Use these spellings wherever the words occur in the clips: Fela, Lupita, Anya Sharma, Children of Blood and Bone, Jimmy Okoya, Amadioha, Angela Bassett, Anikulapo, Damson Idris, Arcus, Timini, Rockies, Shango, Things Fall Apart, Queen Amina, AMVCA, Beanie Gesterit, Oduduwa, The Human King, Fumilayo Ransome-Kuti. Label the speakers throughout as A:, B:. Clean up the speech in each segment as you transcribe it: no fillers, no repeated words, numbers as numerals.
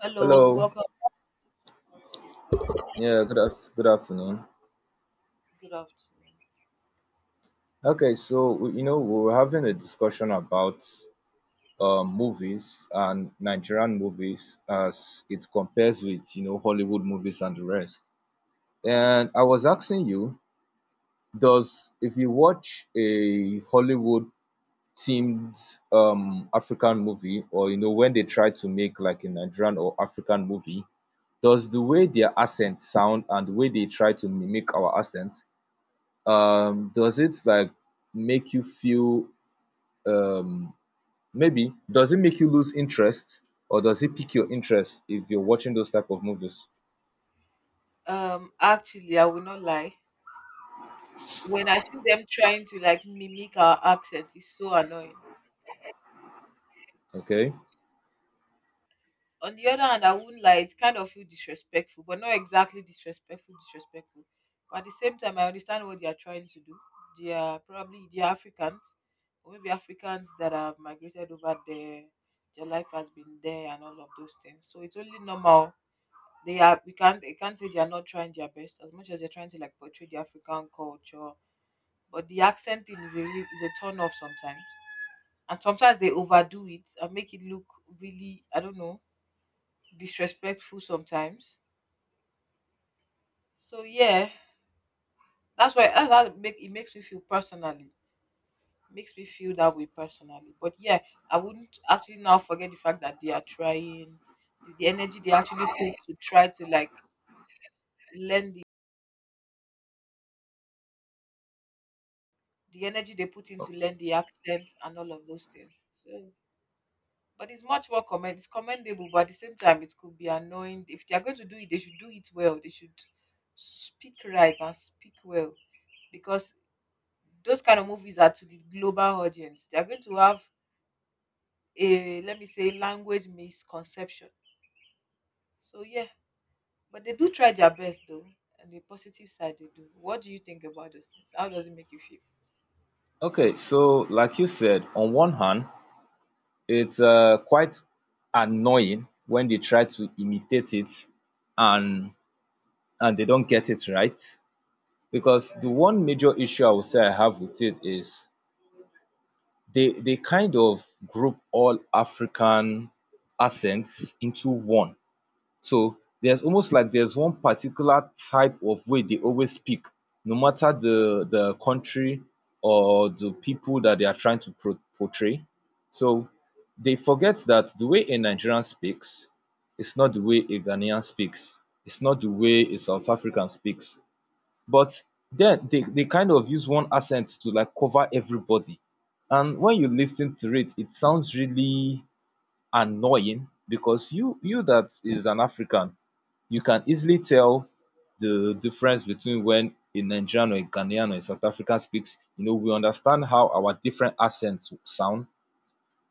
A: Hello,
B: Hello.
A: welcome.
B: Good afternoon.
A: Good afternoon.
B: Okay, we were having a discussion about movies and Nigerian movies as it compares with, Hollywood movies and the rest. And I was asking you, does if you watch a Hollywood themed African movie, or you know, when they try to make like a Nigerian or African movie, does the way their accents sound and the way they try to mimic our accents, does it make you feel, um, maybe does it make you lose interest, or does it pique your interest if you're watching those type of movies?
A: Actually, I will not lie. When I see them trying to like mimic our accent, it's so annoying.
B: Okay.
A: On the other hand, I wouldn't lie, it kind of feel disrespectful, but not exactly disrespectful, disrespectful. But at the same time, I understand what they are trying to do. They are probably they are Africans, or maybe Africans that have migrated over there. Their life has been there and all of those things. So it's only normal they can't say they are not trying their best as much as they're trying to like portray the African culture. But the accent thing is a really is a turn off sometimes. And sometimes they overdo it and make it look really, I don't know, disrespectful sometimes. So yeah, that's how it makes me feel personally. Makes me feel that way personally. But yeah, I wouldn't actually now forget the fact that they are trying the energy they actually put to try to like the energy they put in to learn the accent and all of those things. But it's much more commend. It's commendable, but at the same time, it could be annoying. If they are going to do it, they should do it well. They should speak right and speak well, because those kind of movies are to the global audience. They are going to have a, let me say, language misconception. So yeah, but they do try their best though. And the positive side they do. What do you think about those things? How does it make you feel?
B: Okay, so like you said, on one hand it's quite annoying when they try to imitate it and they don't get it right, because the one major issue I would say I have with it is they kind of group all African accents into one. So there's almost like there's one particular type of way they always speak, no matter the country or the people that they are trying to portray. So they forget that the way a Nigerian speaks is not the way a Ghanaian speaks. It's not the way a South African speaks. But then they kind of use one accent to like cover everybody. And when you listen to it, it sounds really annoying, because you, that is an African, you can easily tell the difference between when a Nigerian or a Ghanaian or a South African speaks. You know, we understand how our different accents sound,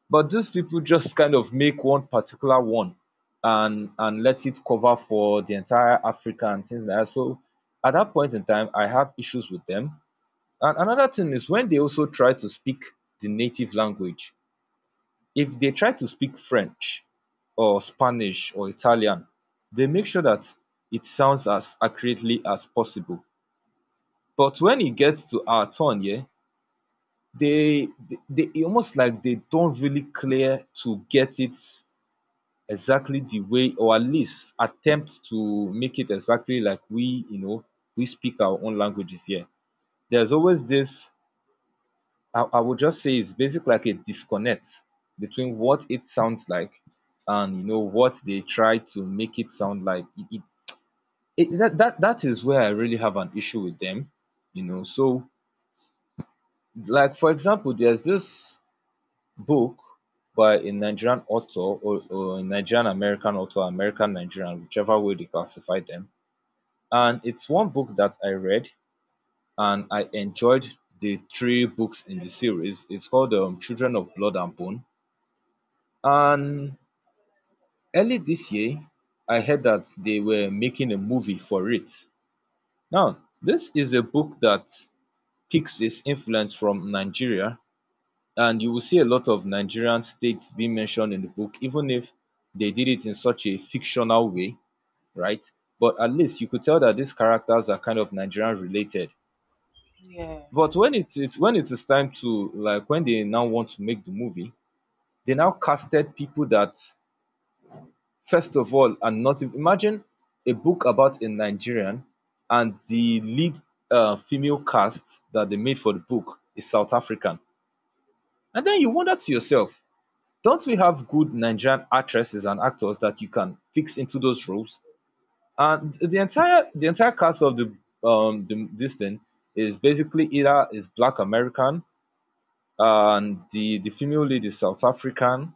B: but these people just kind of make one particular one and let it cover for the entire Africa and things like that. So at that point in time, I have issues with them. And another thing is when they also try to speak the native language, if they try to speak French or Spanish or Italian, they make sure that it sounds as accurately as possible. But when it gets to our turn, yeah, they it almost like they don't really clear to get it exactly the way, or at least attempt to make it exactly like we, you know, we speak our own languages here. There's always this, I would just say, it's basically like a disconnect between what it sounds like and you know what they try to make it sound like. It, that, that that is where I really have an issue with them, you know. So, like for example, there's this book by a Nigerian author, or a Nigerian American author, American Nigerian, whichever way they classify them. And it's one book that I read and I enjoyed, the three books in the series. It's called Children of Blood and Bone. And early this year, I heard that they were making a movie for it. Now, this is a book that picks its influence from Nigeria, and you will see a lot of Nigerian states being mentioned in the book, even if they did it in such a fictional way, right? But at least you could tell that these characters are kind of Nigerian related.
A: Yeah.
B: But when it is, when it is time to like when they now want to make the movie, they now casted people that, first of all, and not imagine, a book about a Nigerian, and the lead female cast that they made for the book is South African. And then you wonder to yourself, don't we have good Nigerian actresses and actors that you can fix into those roles? And the entire cast of the this thing is basically either is Black American, and the female lead is South African,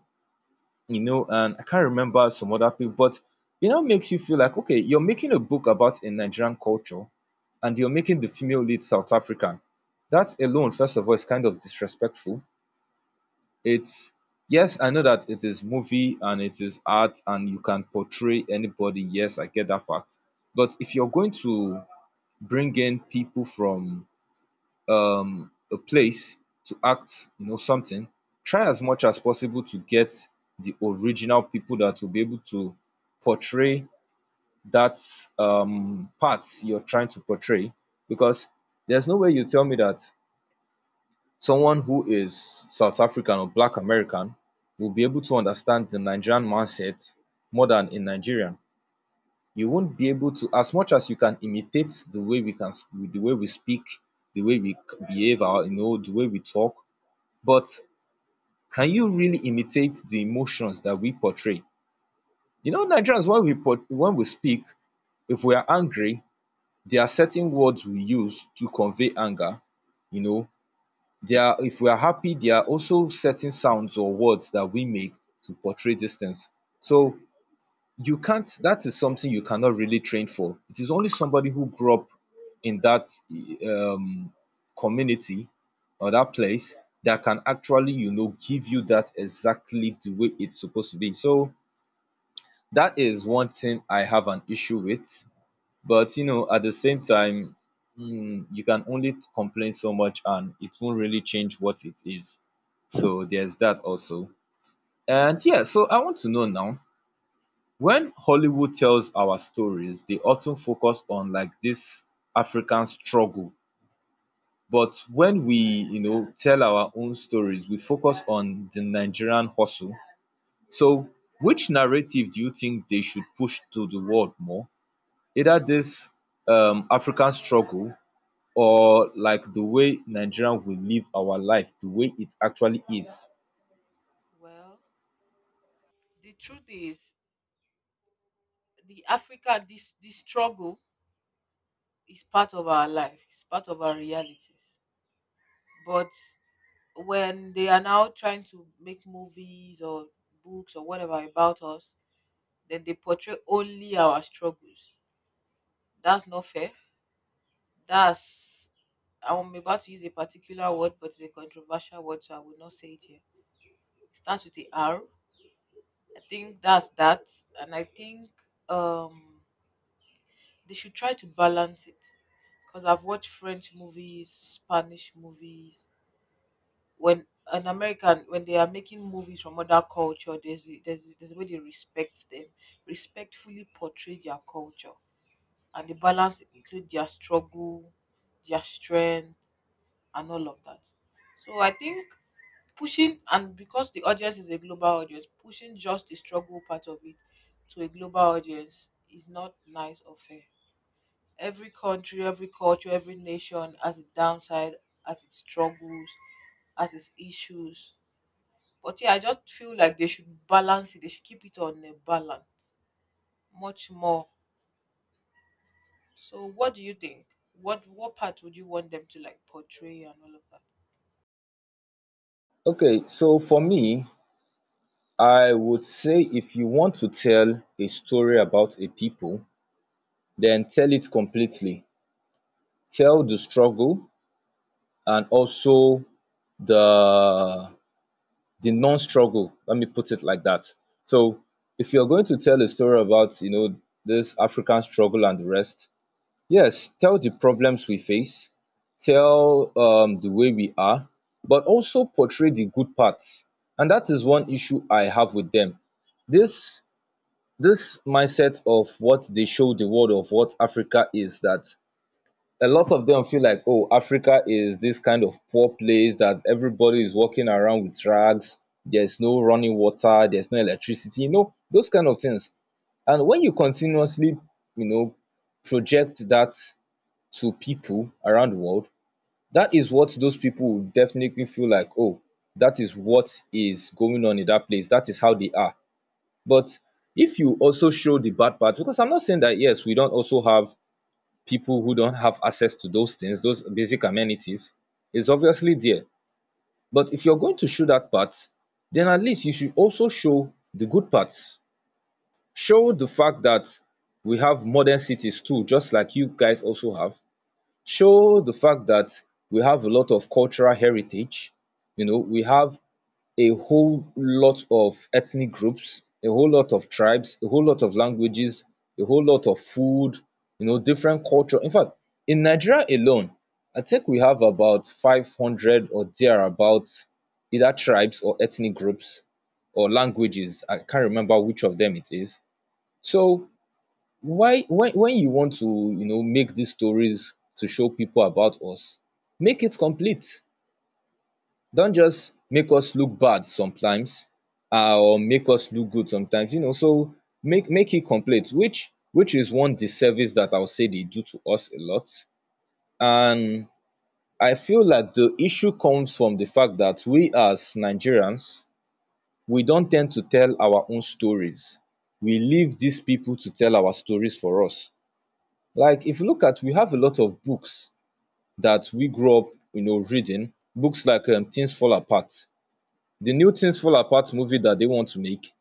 B: you know, and I can't remember some other people, but you know, makes you feel like, okay, you're making a book about a Nigerian culture, and you're making the female lead South African. That alone, first of all, is kind of disrespectful. It's, yes, I know that it is movie and it is art, and you can portray anybody. Yes, I get that fact. But if you're going to bring in people from a place to act, you know, something, try as much as possible to get the original people that will be able to portray that part you're trying to portray, because there's no way you tell me that someone who is South African or Black American will be able to understand the Nigerian mindset more than a Nigerian. You won't be able to. As much as you can imitate the way we can, the way we speak, the way we behave our, you know, the way we talk, but can you really imitate the emotions that we portray? You know, Nigerians, when we when we speak, if we are angry, there are certain words we use to convey anger. You know, there are, if we are happy, there are also certain sounds or words that we make to portray these things. So you can't, that is something you cannot really train for. It is only somebody who grew up in that, um, community, or that place, that can actually, you know, give you that exactly the way it's supposed to be. So that is one thing I have an issue with. But you know, at the same time, mm, you can only complain so much and it won't really change what it is. So there's that also. And yeah, so I want to know now, when Hollywood tells our stories, they often focus on like this African struggle. But when we, you know, tell our own stories, we focus on the Nigerian hustle. So, which narrative do you think they should push to the world more? Either
A: Mm,
B: this African struggle, or like the way Nigerian will live our life, the way it actually is.
A: well, the truth is the Africa this struggle is part of our life, it's part of our realities. But when they are now trying to make movies or books or whatever about us, then they portray only our struggles. That's not fair. That's, I'm about to use a particular word, but it's a controversial word, so I will not say it here. It starts with the R. I think that's that, and I think um they should try to balance it because I've watched French movies, Spanish movies. When an American, when they are making movies from other culture, there's a way they respect them, respectfully portray their culture, and the balance include their struggle, their strength, and all of that. So I think pushing and because the audience is a global audience, pushing just the struggle part of it to a global audience is not nice or fair. Every country, every culture, every nation has its downside, has its struggles, has its issues. But yeah, I just feel like they should balance it. They should keep it on a balance, much more. So, what do you think? What part would you want them to like portray and all of that?
B: Okay, so for me, I would say if you want to tell a story about a people, then tell it completely. Tell the struggle, and also the the non-struggle. Let me put it like that. So if you're going to tell a story about, you know, this African struggle and the rest, yes, tell the problems we face, tell the way we are, but also portray the good parts. And that is one issue I have with them. This this mindset of what they show the world of what Africa is, that a lot of them feel like, oh, Africa is this kind of poor place that everybody is walking around with rags. There's no running water. There's no electricity. You know, those kind of things. And when you continuously, you know, project that to people around the world, that is what those people will definitely feel like. Oh, that is what is going on in that place. That is how they are. But if you also show the bad parts, because I'm not saying that, yes, we don't also have people who don't have access to those things, those basic amenities, is obviously there. But if you're going to show that part, then at least you should also show the good parts. Show the fact that we have modern cities too, just like you guys also have. Show the fact that we have a lot of cultural heritage. You know, we have a whole lot of ethnic groups, a whole lot of tribes, a whole lot of languages, a whole lot of food, you know, different culture. In fact, in Nigeria alone, I think we have about 500 or thereabouts, either tribes or ethnic groups or languages. I can't remember which of them it is. So why, when you want to, you know, make these stories to show people about us, make it complete. Don't just make us look bad sometimes, or make us look good sometimes, you know. So make it complete, which is one disservice that I'll say they do to us a lot. And I feel like the issue comes from the fact that we as Nigerians, we don't tend to tell our own stories. We leave these people to tell our stories for us. Like if you look at, we have a lot of books that we grew up, you know, reading. Books like Things Fall Apart. The new Things Fall Apart movie that they want to make,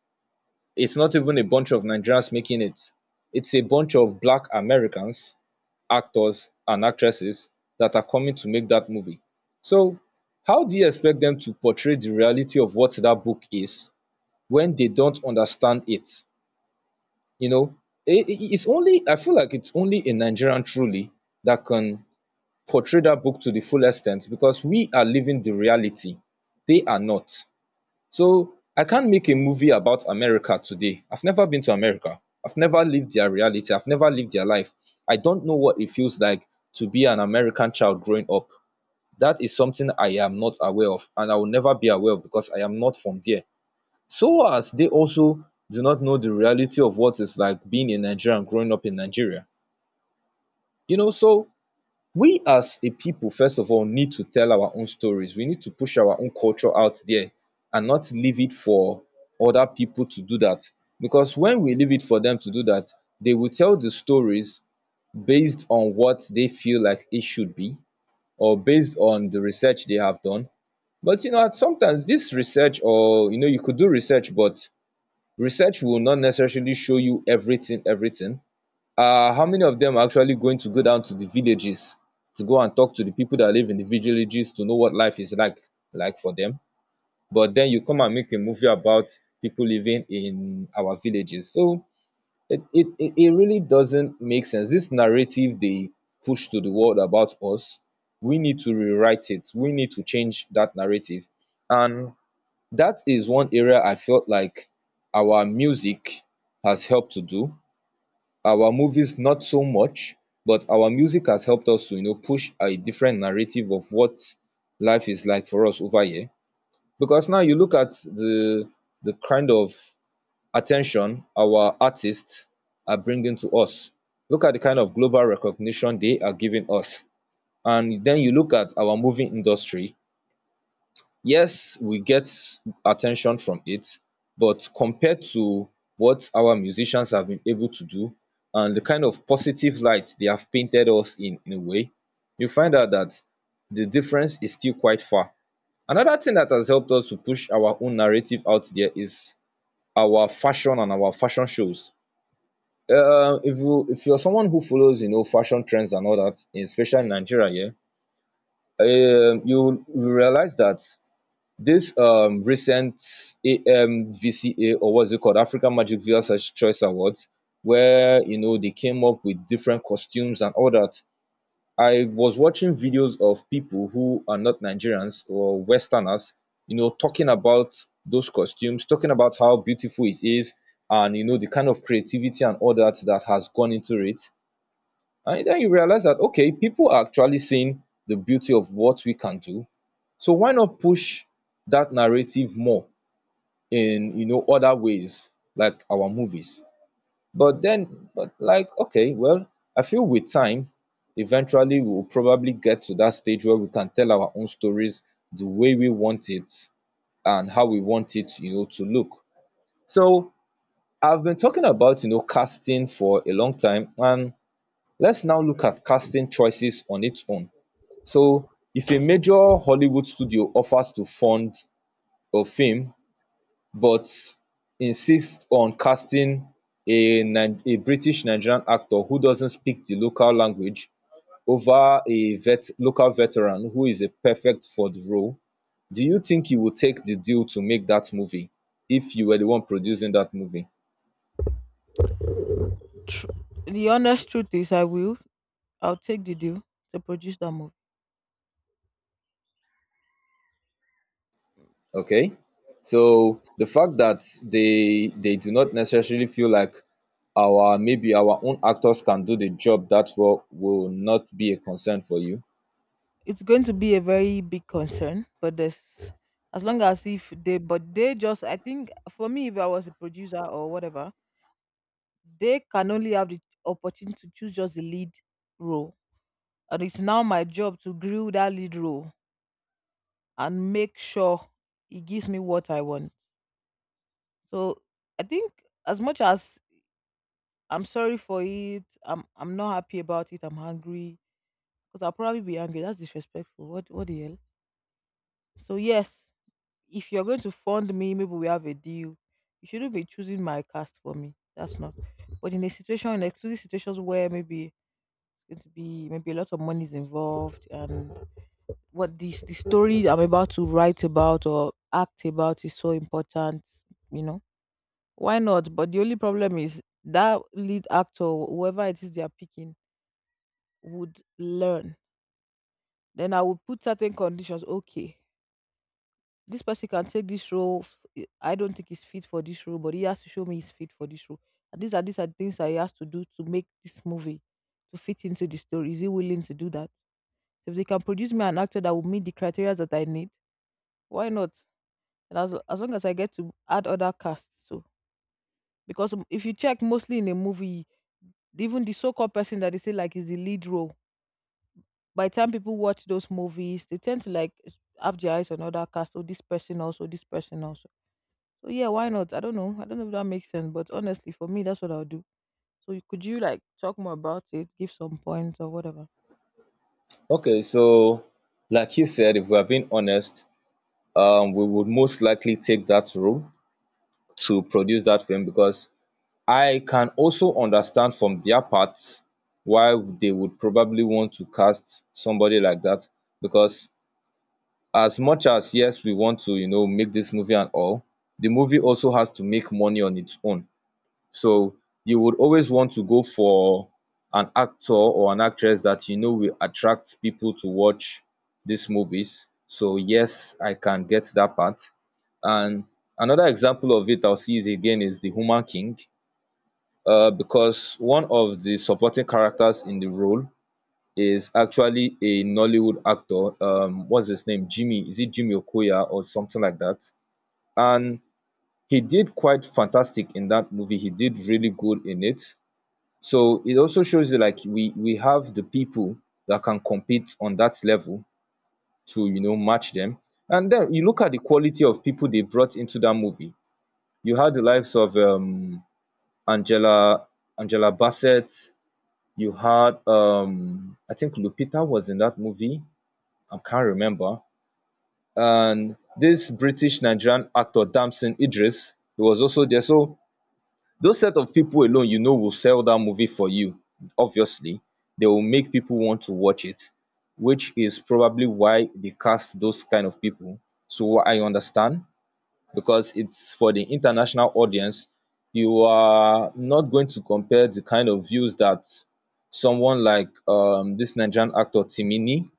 B: it's not even a bunch of Nigerians making it. It's a bunch of Black Americans, actors and actresses, that are coming to make that movie. So, how do you expect them to portray the reality of what that book is when they don't understand it? You know, it's only, I feel like it's only a Nigerian truly that can portray that book to the full extent, because we are living the reality. They are not. So I can't make a movie about America today. I've never been to America. I've never lived their reality. I've never lived their life. I don't know what it feels like to be an American child growing up. That is something I am not aware of, and I will never be aware of because I am not from there. So as they also do not know the reality of what it's like being a Nigerian growing up in Nigeria. You know, so we as a people first of all need to tell our own stories. We need to push our own culture out there and not leave it for other people to do that, because when we leave it for them to do that, they will tell the stories based on what they feel like it should be, or based on the research they have done. But you know, at sometimes this research, or you know, you could do research, but research will not necessarily show you everything. How many of them are actually going to go down to the villages to go and talk to the people that live in the villages to know what life is like, for them? But then you come and make a movie about people living in our villages. So it really doesn't make sense, this narrative they push to the world about us. We need to rewrite it, we need to change that narrative. And that is one area I felt like our music has helped to do. Our movies, not so much, but our music has helped us to, you know, push a different narrative of what life is like for us over here. Because now you look at the kind of attention our artists are bringing to us, look at the kind of global recognition they are giving us. And then you look at our movie industry. Yes, we get attention from it, but compared to what our musicians have been able to do, and the kind of positive light they have painted us in a way, you find out that the difference is still quite far. Another thing that has helped us to push our own narrative out there is our fashion and our fashion shows. If you're someone who follows, you know, fashion trends and all that, especially in Nigeria, yeah, you realize that this recent AMVCA, or what's it called, African Magic Viewers Ch- Choice Awards, where, you know, they came up with different costumes and all that. I was watching videos of people who are not Nigerians or Westerners, you know, talking about those costumes, talking about how beautiful it is, and you know, the kind of creativity and all that that has gone into it. And then you realize that okay, people are actually seeing the beauty of what we can do. So why not push that narrative more in, you know, other ways, like our movies? But then, but like okay, well, I feel with time, eventually we will probably get to that stage where we can tell our own stories the way we want it and how we want it, you know, to look. So I've been talking about, you know, casting for a long time, and let's now look at casting choices on its own. So if a major Hollywood studio offers to fund a film but insists on casting a British-Nigerian actor who doesn't speak the local language over a local veteran who is a perfect for the role, do you think you would take the deal to make that movie if you were the one producing that movie?
A: The honest truth is, I will. I'll take the deal to produce that movie.
B: Okay, so the fact that they do not necessarily feel like our, maybe our own actors can do the job that well will not be a concern for you.
A: It's going to be a very big concern, but there's as long as if they but they just I think for me, if I was a producer or whatever, they can only have the opportunity to choose just the lead role, and it's now my job to grill that lead role and make sure it gives me what I want. So I think as much as I'm sorry for it, I'm not happy about it, I'm hungry because I'll probably be angry. That's disrespectful. What the hell. So yes, if you're going to fund me, maybe we have a deal. You shouldn't be choosing my cast for me. That's not. But in a situation, in exclusive situations where maybe it's going to be, maybe a lot of money is involved, and what this the story I'm about to write about or act about is so important, you know, why not? But the only problem is that lead actor, whoever it is they are picking, would learn. Then I would put certain conditions. Okay, this person can take this role. I don't think he's fit for this role, but he has to show me he's fit for this role. And these are things that he has to do to make this movie to fit into the story. Is he willing to do that? So if they can produce me an actor that will meet the criteria that I need, why not? And as long as I get to add other casts too, because if you check mostly in a movie, even the so-called person that they say like is the lead role, by the time people watch those movies, they tend to like have their eyes on other cast. Oh, this person also, this person also. So yeah, why not? I don't know. I don't know if that makes sense, but honestly, for me, that's what I'll do. So you- could you like talk more about it, give some points or whatever?
B: Okay, so like you said, if we are being honest, we would most likely take that role to produce that film because I can also understand from their part why they would probably want to cast somebody like that. Because as much as yes, we want to, you know, make this movie and all, the movie also has to make money on its own. So you would always want to go for an actor or an actress that you know will attract people to watch these movies. So yes, I can get that part. And another example of it I'll see is again is the Human King. Because one of the supporting characters in the role is actually a Nollywood actor. What's his name? Jimmy? Is it Jimmy Okoya or something like that? And he did quite fantastic in that movie. He did really good in it. So it also shows you like we have the people that can compete on that level to, you know, match them. And then you look at the quality of people they brought into that movie. You had the likes of Angela Angela Bassett. You had I think Lupita was in that movie. I can't remember. And this British Nigerian actor Damson Idris, he was also there. So those set of people alone, you know, will sell that movie for you, obviously. They will make people want to watch it, which is probably why they cast those kind of people. So I understand, because it's for the international audience. You are not going to compare the kind of views that someone like, this Nigerian actor Timini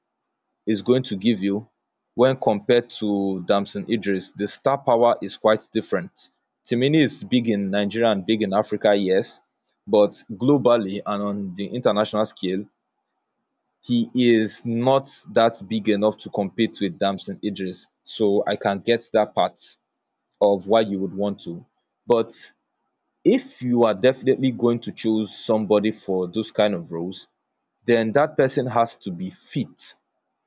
B: is going to give you when compared to Damson Idris. The star power is quite different. Timini is big in Nigeria and big in Africa, yes, but globally and on the international scale, he is not that big enough to compete with Damson Idris. So I can get that part of why you would want to. But if you are definitely going to choose somebody for those kind of roles, then that person has to be fit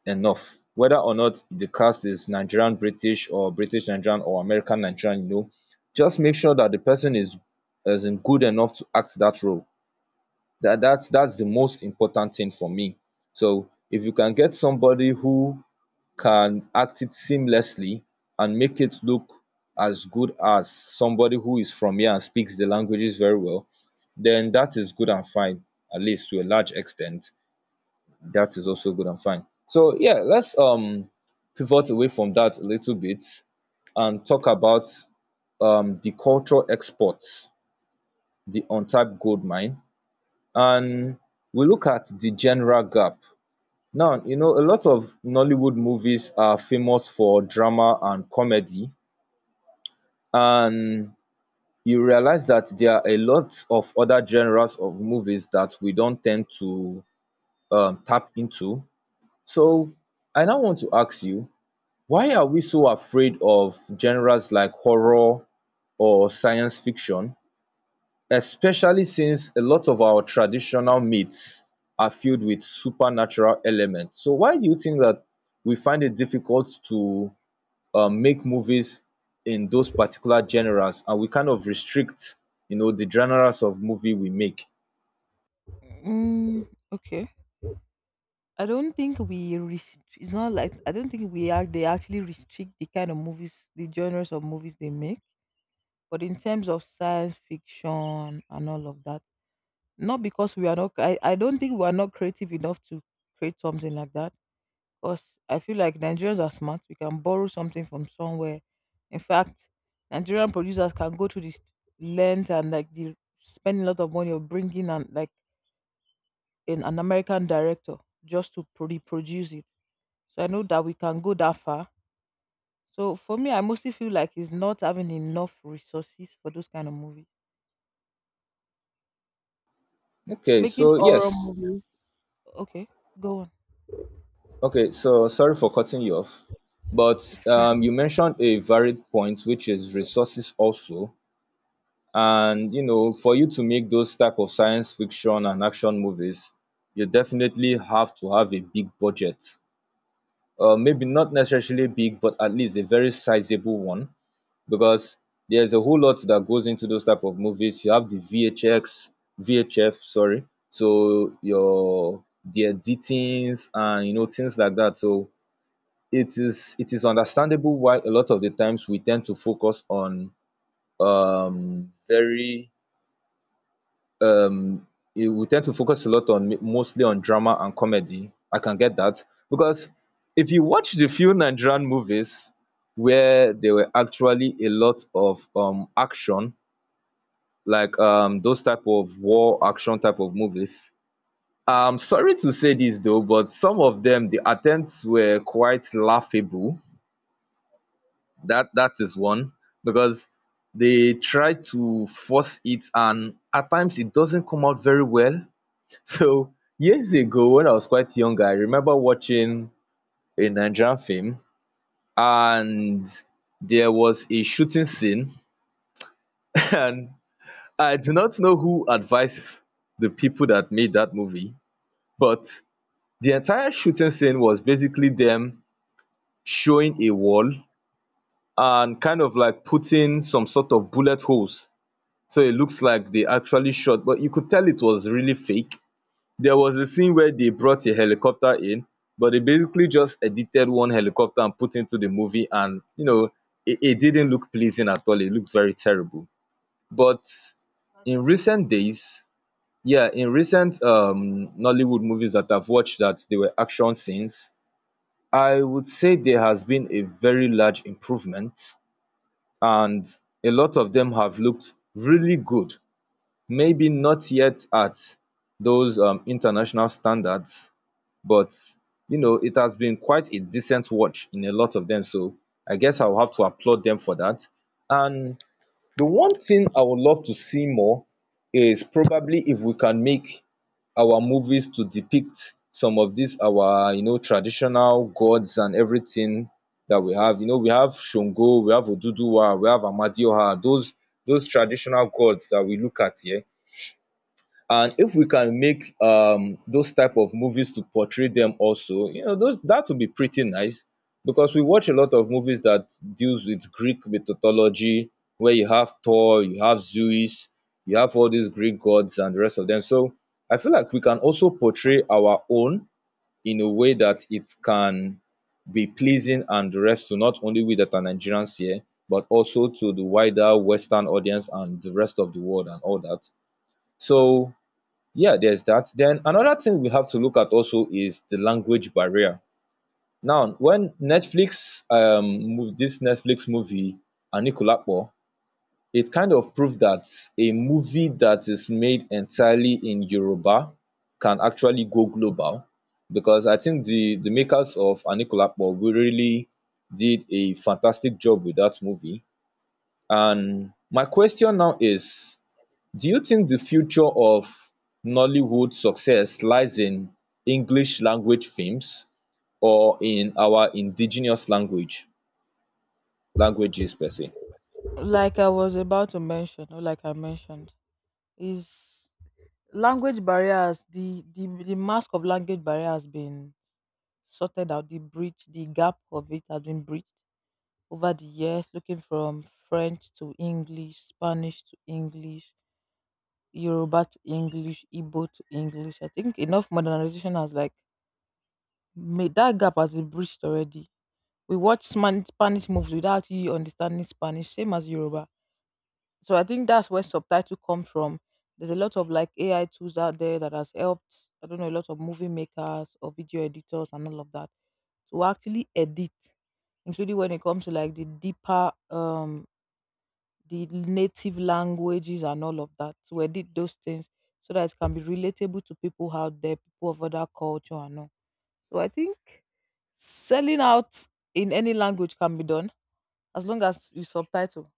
B: enough. Whether or not the cast is Nigerian British or British Nigerian or American Nigerian, you know, just make sure that the person is in good enough to act that role. That's the most important thing for me. So if you can get somebody who can act it seamlessly and make it look as good as somebody who is from here and speaks the languages very well, then that is good and fine, at least to a large extent that is also good and fine. So yeah, let's pivot away from that a little bit and talk about the cultural exports, the untapped gold mine, and we look at the general gap. Now, you know, a lot of Nollywood movies are famous for drama and comedy, and you realize that there are a lot of other genres of movies that we don't tend to tap into. So I now want to ask you, why are we so afraid of genres like horror or science fiction, especially since a lot of our traditional myths are filled with supernatural elements? So why do you think that we find it difficult to make movies in those particular genres, and we kind of restrict, you know, the genres of movie we make?
A: Okay. I don't think we are they actually restrict the kind of movies, the genres of movies they make. But in terms of science fiction and all of that, not because we are not, I don't think we are not creative enough to create something like that. Because I feel like Nigerians are smart. We can borrow something from somewhere. In fact, Nigerian producers can go to this length and like the spend a lot of money of bringing and like an American director just to produce it. So I know that we can go that far. So for me, I mostly feel like it's not having enough resources for those kind of movies.
B: Okay,
A: Making
B: so
A: horror
B: yes.
A: movies, okay, go on.
B: Okay, so sorry for cutting you off. But
A: It's fine.
B: you mentioned a varied point, which is resources also. And you know, for you to make those type of science fiction and action movies, you definitely have to have a big budget. Uh, maybe not necessarily big, but at least a very sizable one, because there's a whole lot that goes into those type of movies. You have the vhx vhf sorry, so your the editings and you know things like that. So it is understandable why a lot of the times we tend to focus on very um it, we tend to focus a lot on mostly on drama and comedy. I can get that, because if you watch the few Nigerian movies where there were actually a lot of action, like those type of war action type of movies. I'm sorry to say this though, but some of them the attempts were quite laughable. That is one, because they try to force it and at times it doesn't come out very well. So years ago, when I was quite young, I remember watching a Nigerian film, and there was a shooting scene. And I do not know who advised the people that made that movie, but the entire shooting scene was basically them showing a wall and kind of like putting some sort of bullet holes. So it looks like they actually shot, but you could tell it was really fake. There was a scene where they brought a helicopter in, but they basically just edited one helicopter and put into the movie. And, you know, it didn't look pleasing at all. It looked very terrible. But
A: That's a
B: in
A: very.
B: recent days, yeah, in recent Nollywood movies that I've watched that they were action scenes, I would say there has been a very large improvement. And a lot of them have looked really good. Maybe not yet at those international standards, but you know, it has been quite a decent watch in a lot of them. So I guess I'll have to applaud them for that. And the one thing I would love to see more is probably if we can make our movies to depict some of these our, you know, traditional gods and everything that we have. You know, we have Shango, we have Oduduwa, we have Amadioha, those traditional gods that we look at here. And if we can make those type of movies to portray them also, you know, those, that would be pretty nice, because we watch a lot of movies that deals with Greek mythology, where you have Thor, you have Zeus, you have all these Greek gods and the rest of them. So I feel like we can also portray our own in a way that it can be pleasing and the rest to not only we that are Nigerians here, but also to the wider Western audience and the rest of the world and all that. So yeah, there's that. Then another thing we have to look at also is the language barrier. Now, when Netflix move this Netflix movie Anikulapo, it kind of proved that a movie that is made entirely in Yoruba can actually go global, because I think the makers of Anikulapo really did a fantastic job with that movie.
A: I think
B: And my
A: what they did,
B: question now is,
A: that they did
B: do you think the future of Nollywood success lies in English language films or in our indigenous languages per se?
A: now. Like I was about to mention, or like I mentioned, is language barriers, the mask of language barrier has been sorted out, the breach, the gap of it has been breached over the years, looking from French to English, Spanish to English, Yoruba to English, Igbo to English. I think enough modernization has like made that gap has been breached already. We watch Spanish movies without you understanding Spanish, same as Yoruba. So I think that's where subtitle come from. There's a lot of like AI tools out there that has helped. I don't know a lot of movie makers or video editors and all of that to actually edit, including when it comes to like the deeper, the native languages and all of that to edit those things so that it can be relatable to people out there, people of other culture and all. So I think selling out in any language can be done as long as you subtitle.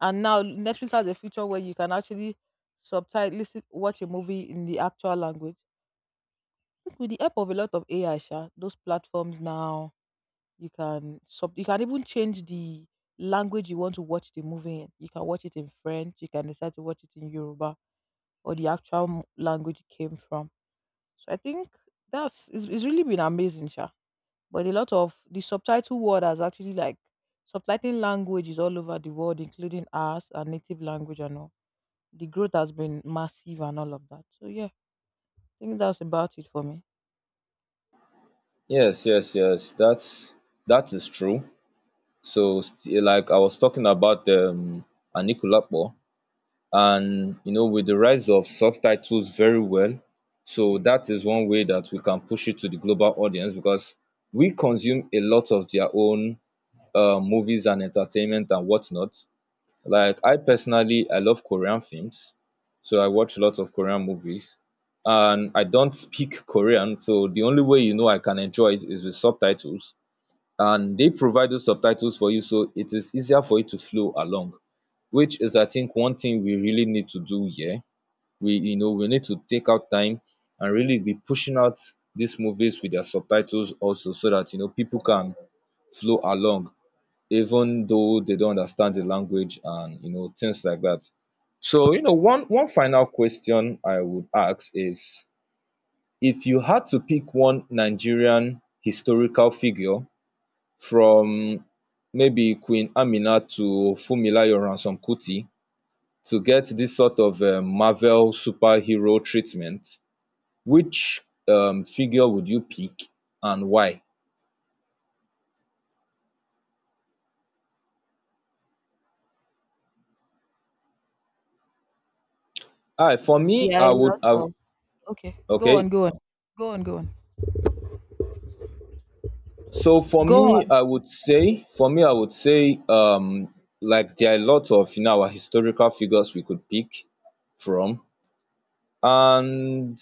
A: And now Netflix has a feature where you can actually subtitle listen watch a movie in the actual language. Think With the help of a lot of AI, sha, those platforms now you can sub you can even change the language you want to watch the movie in. You can watch it in French, you can decide to watch it in Yoruba or the actual language it came from. So I think that's it's really been amazing, sha. But a lot of the subtitle word has actually like subtitling languages all over the world, including ours and native language and all. The growth has been massive and all of that. So yeah, I think that's about it for me.
B: Yes, yes, yes. That's that is true. So, like I was talking about, Anikulapo, and you know, with the rise of subtitles, very well. So that is one way that we can push it to the global audience, because we consume a lot of their own movies and entertainment and whatnot. Like, I personally, I love Korean films, so I watch lots of Korean movies. And I don't speak Korean, so the only way, you know, I can enjoy it is with subtitles. And they provide those subtitles for you, so it is easier for you to flow along, which is, I think, one thing we really need to do here. We, you know, we need to take out time and really be pushing out these movies with their subtitles also, so that, you know, people can flow along even though they don't understand the language and, you know, things like that. So, you know, one final question I would ask is, if you had to pick one Nigerian historical figure from maybe Queen Amina to Fumilayo Ransome-Kuti, to get this sort of Marvel superhero treatment, which figure would you pick and why? Ah, for me,
A: There are
B: I
A: a
B: would.
A: lot of okay. Go
B: Okay.
A: on, go on, go on, go on,
B: So for
A: go on.
B: me, I would say, like, there are a lot of, you know, our historical figures we could pick from. And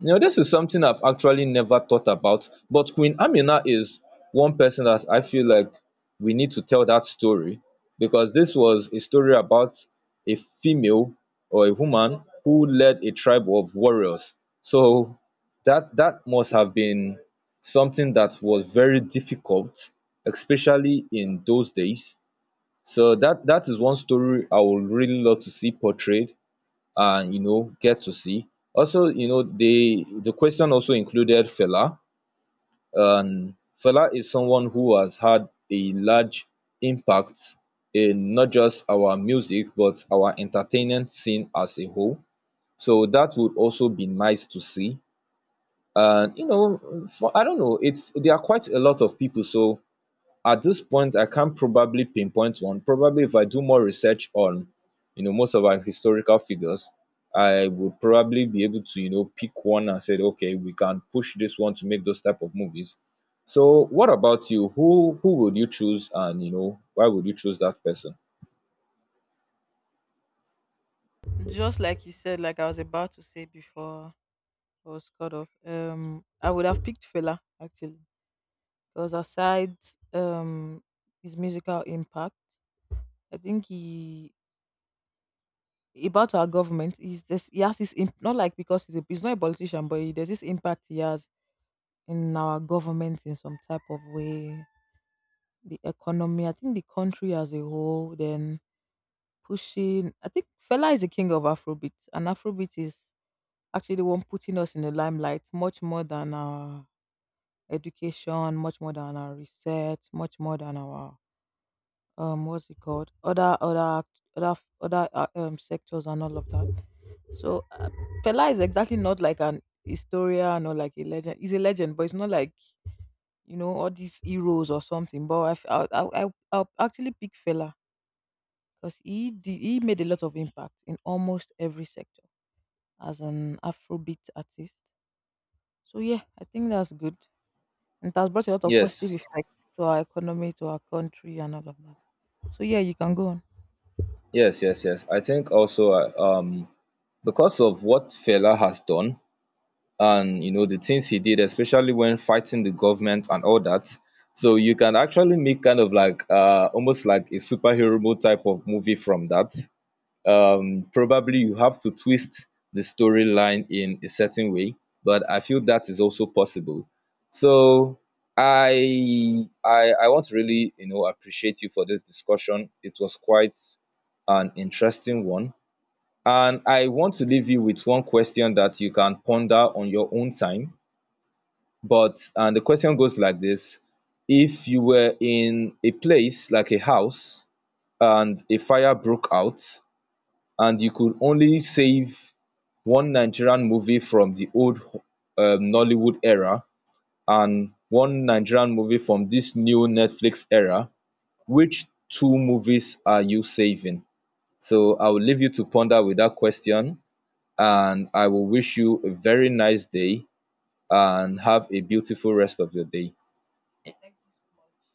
B: you know, this is something I've actually never thought about, but Queen Amina is one person that I feel like we need to tell that story, because this was a story about a female or a woman who led a tribe of warriors. So that must have been something that was very difficult, especially in those days. So that is one story I would really love to see portrayed and, you know, get to see. Also, you know, the question also included Fela. And Fela is someone who has had a large impact in not just our music but our entertainment scene as a whole. So that would also be nice to see. And you know, for, I don't know, it's, there are quite a lot of people. So at this point I can't probably pinpoint one. Probably if I do more research on, you know, most of our historical figures, I would probably be able to, you know, pick one and said, okay, we can push this one to make those type of movies. So what about you? Who would you choose, and you know, why would you choose that person?
A: Just like you said, like I was about to say before I was cut off. I would have picked Fela actually because aside um his musical impact, I think he about our government is this he has this not like because he's not a politician, but he, there's this impact he has in our government in some type of way. The economy, I think the country as a whole, then pushing, I think Fela is the king of Afrobeat, and Afrobeat is actually the one putting us in the limelight much more than our education, much more than our research, much more than our what's it called? Other other sectors and all of that. So Fela is exactly not like an historian or like a legend. He's a legend, but it's not like you know all these heroes or something. But I I'll actually pick Fela because he made a lot of impact in almost every sector as an Afrobeat artist. So yeah, I think that's good, and it has brought a lot of positive
B: Yes,
A: effects to our economy, to our country, and all of that. So yeah, you can go on.
B: yes, yes, yes, I think also, because of what Fela has done, and you know, the things he did, especially when fighting the government and all that. So you can actually make kind of like almost like a superhero type of movie from that. Probably you have to twist the storyline in a certain way, but I feel that is also possible. So I want to really, you know, appreciate you for this discussion. It was quite an interesting one. And I want to leave you with one question that you can ponder on your own time. But, and the question goes like this: if you were in a place like a house and a fire broke out, and you could only save one Nigerian movie from the old, Nollywood era, and one Nigerian movie from this new Netflix era, which two movies are you saving? So I will leave you to ponder with that question, and I will wish you a very nice day and have a beautiful rest of your day.
A: Thank you so much.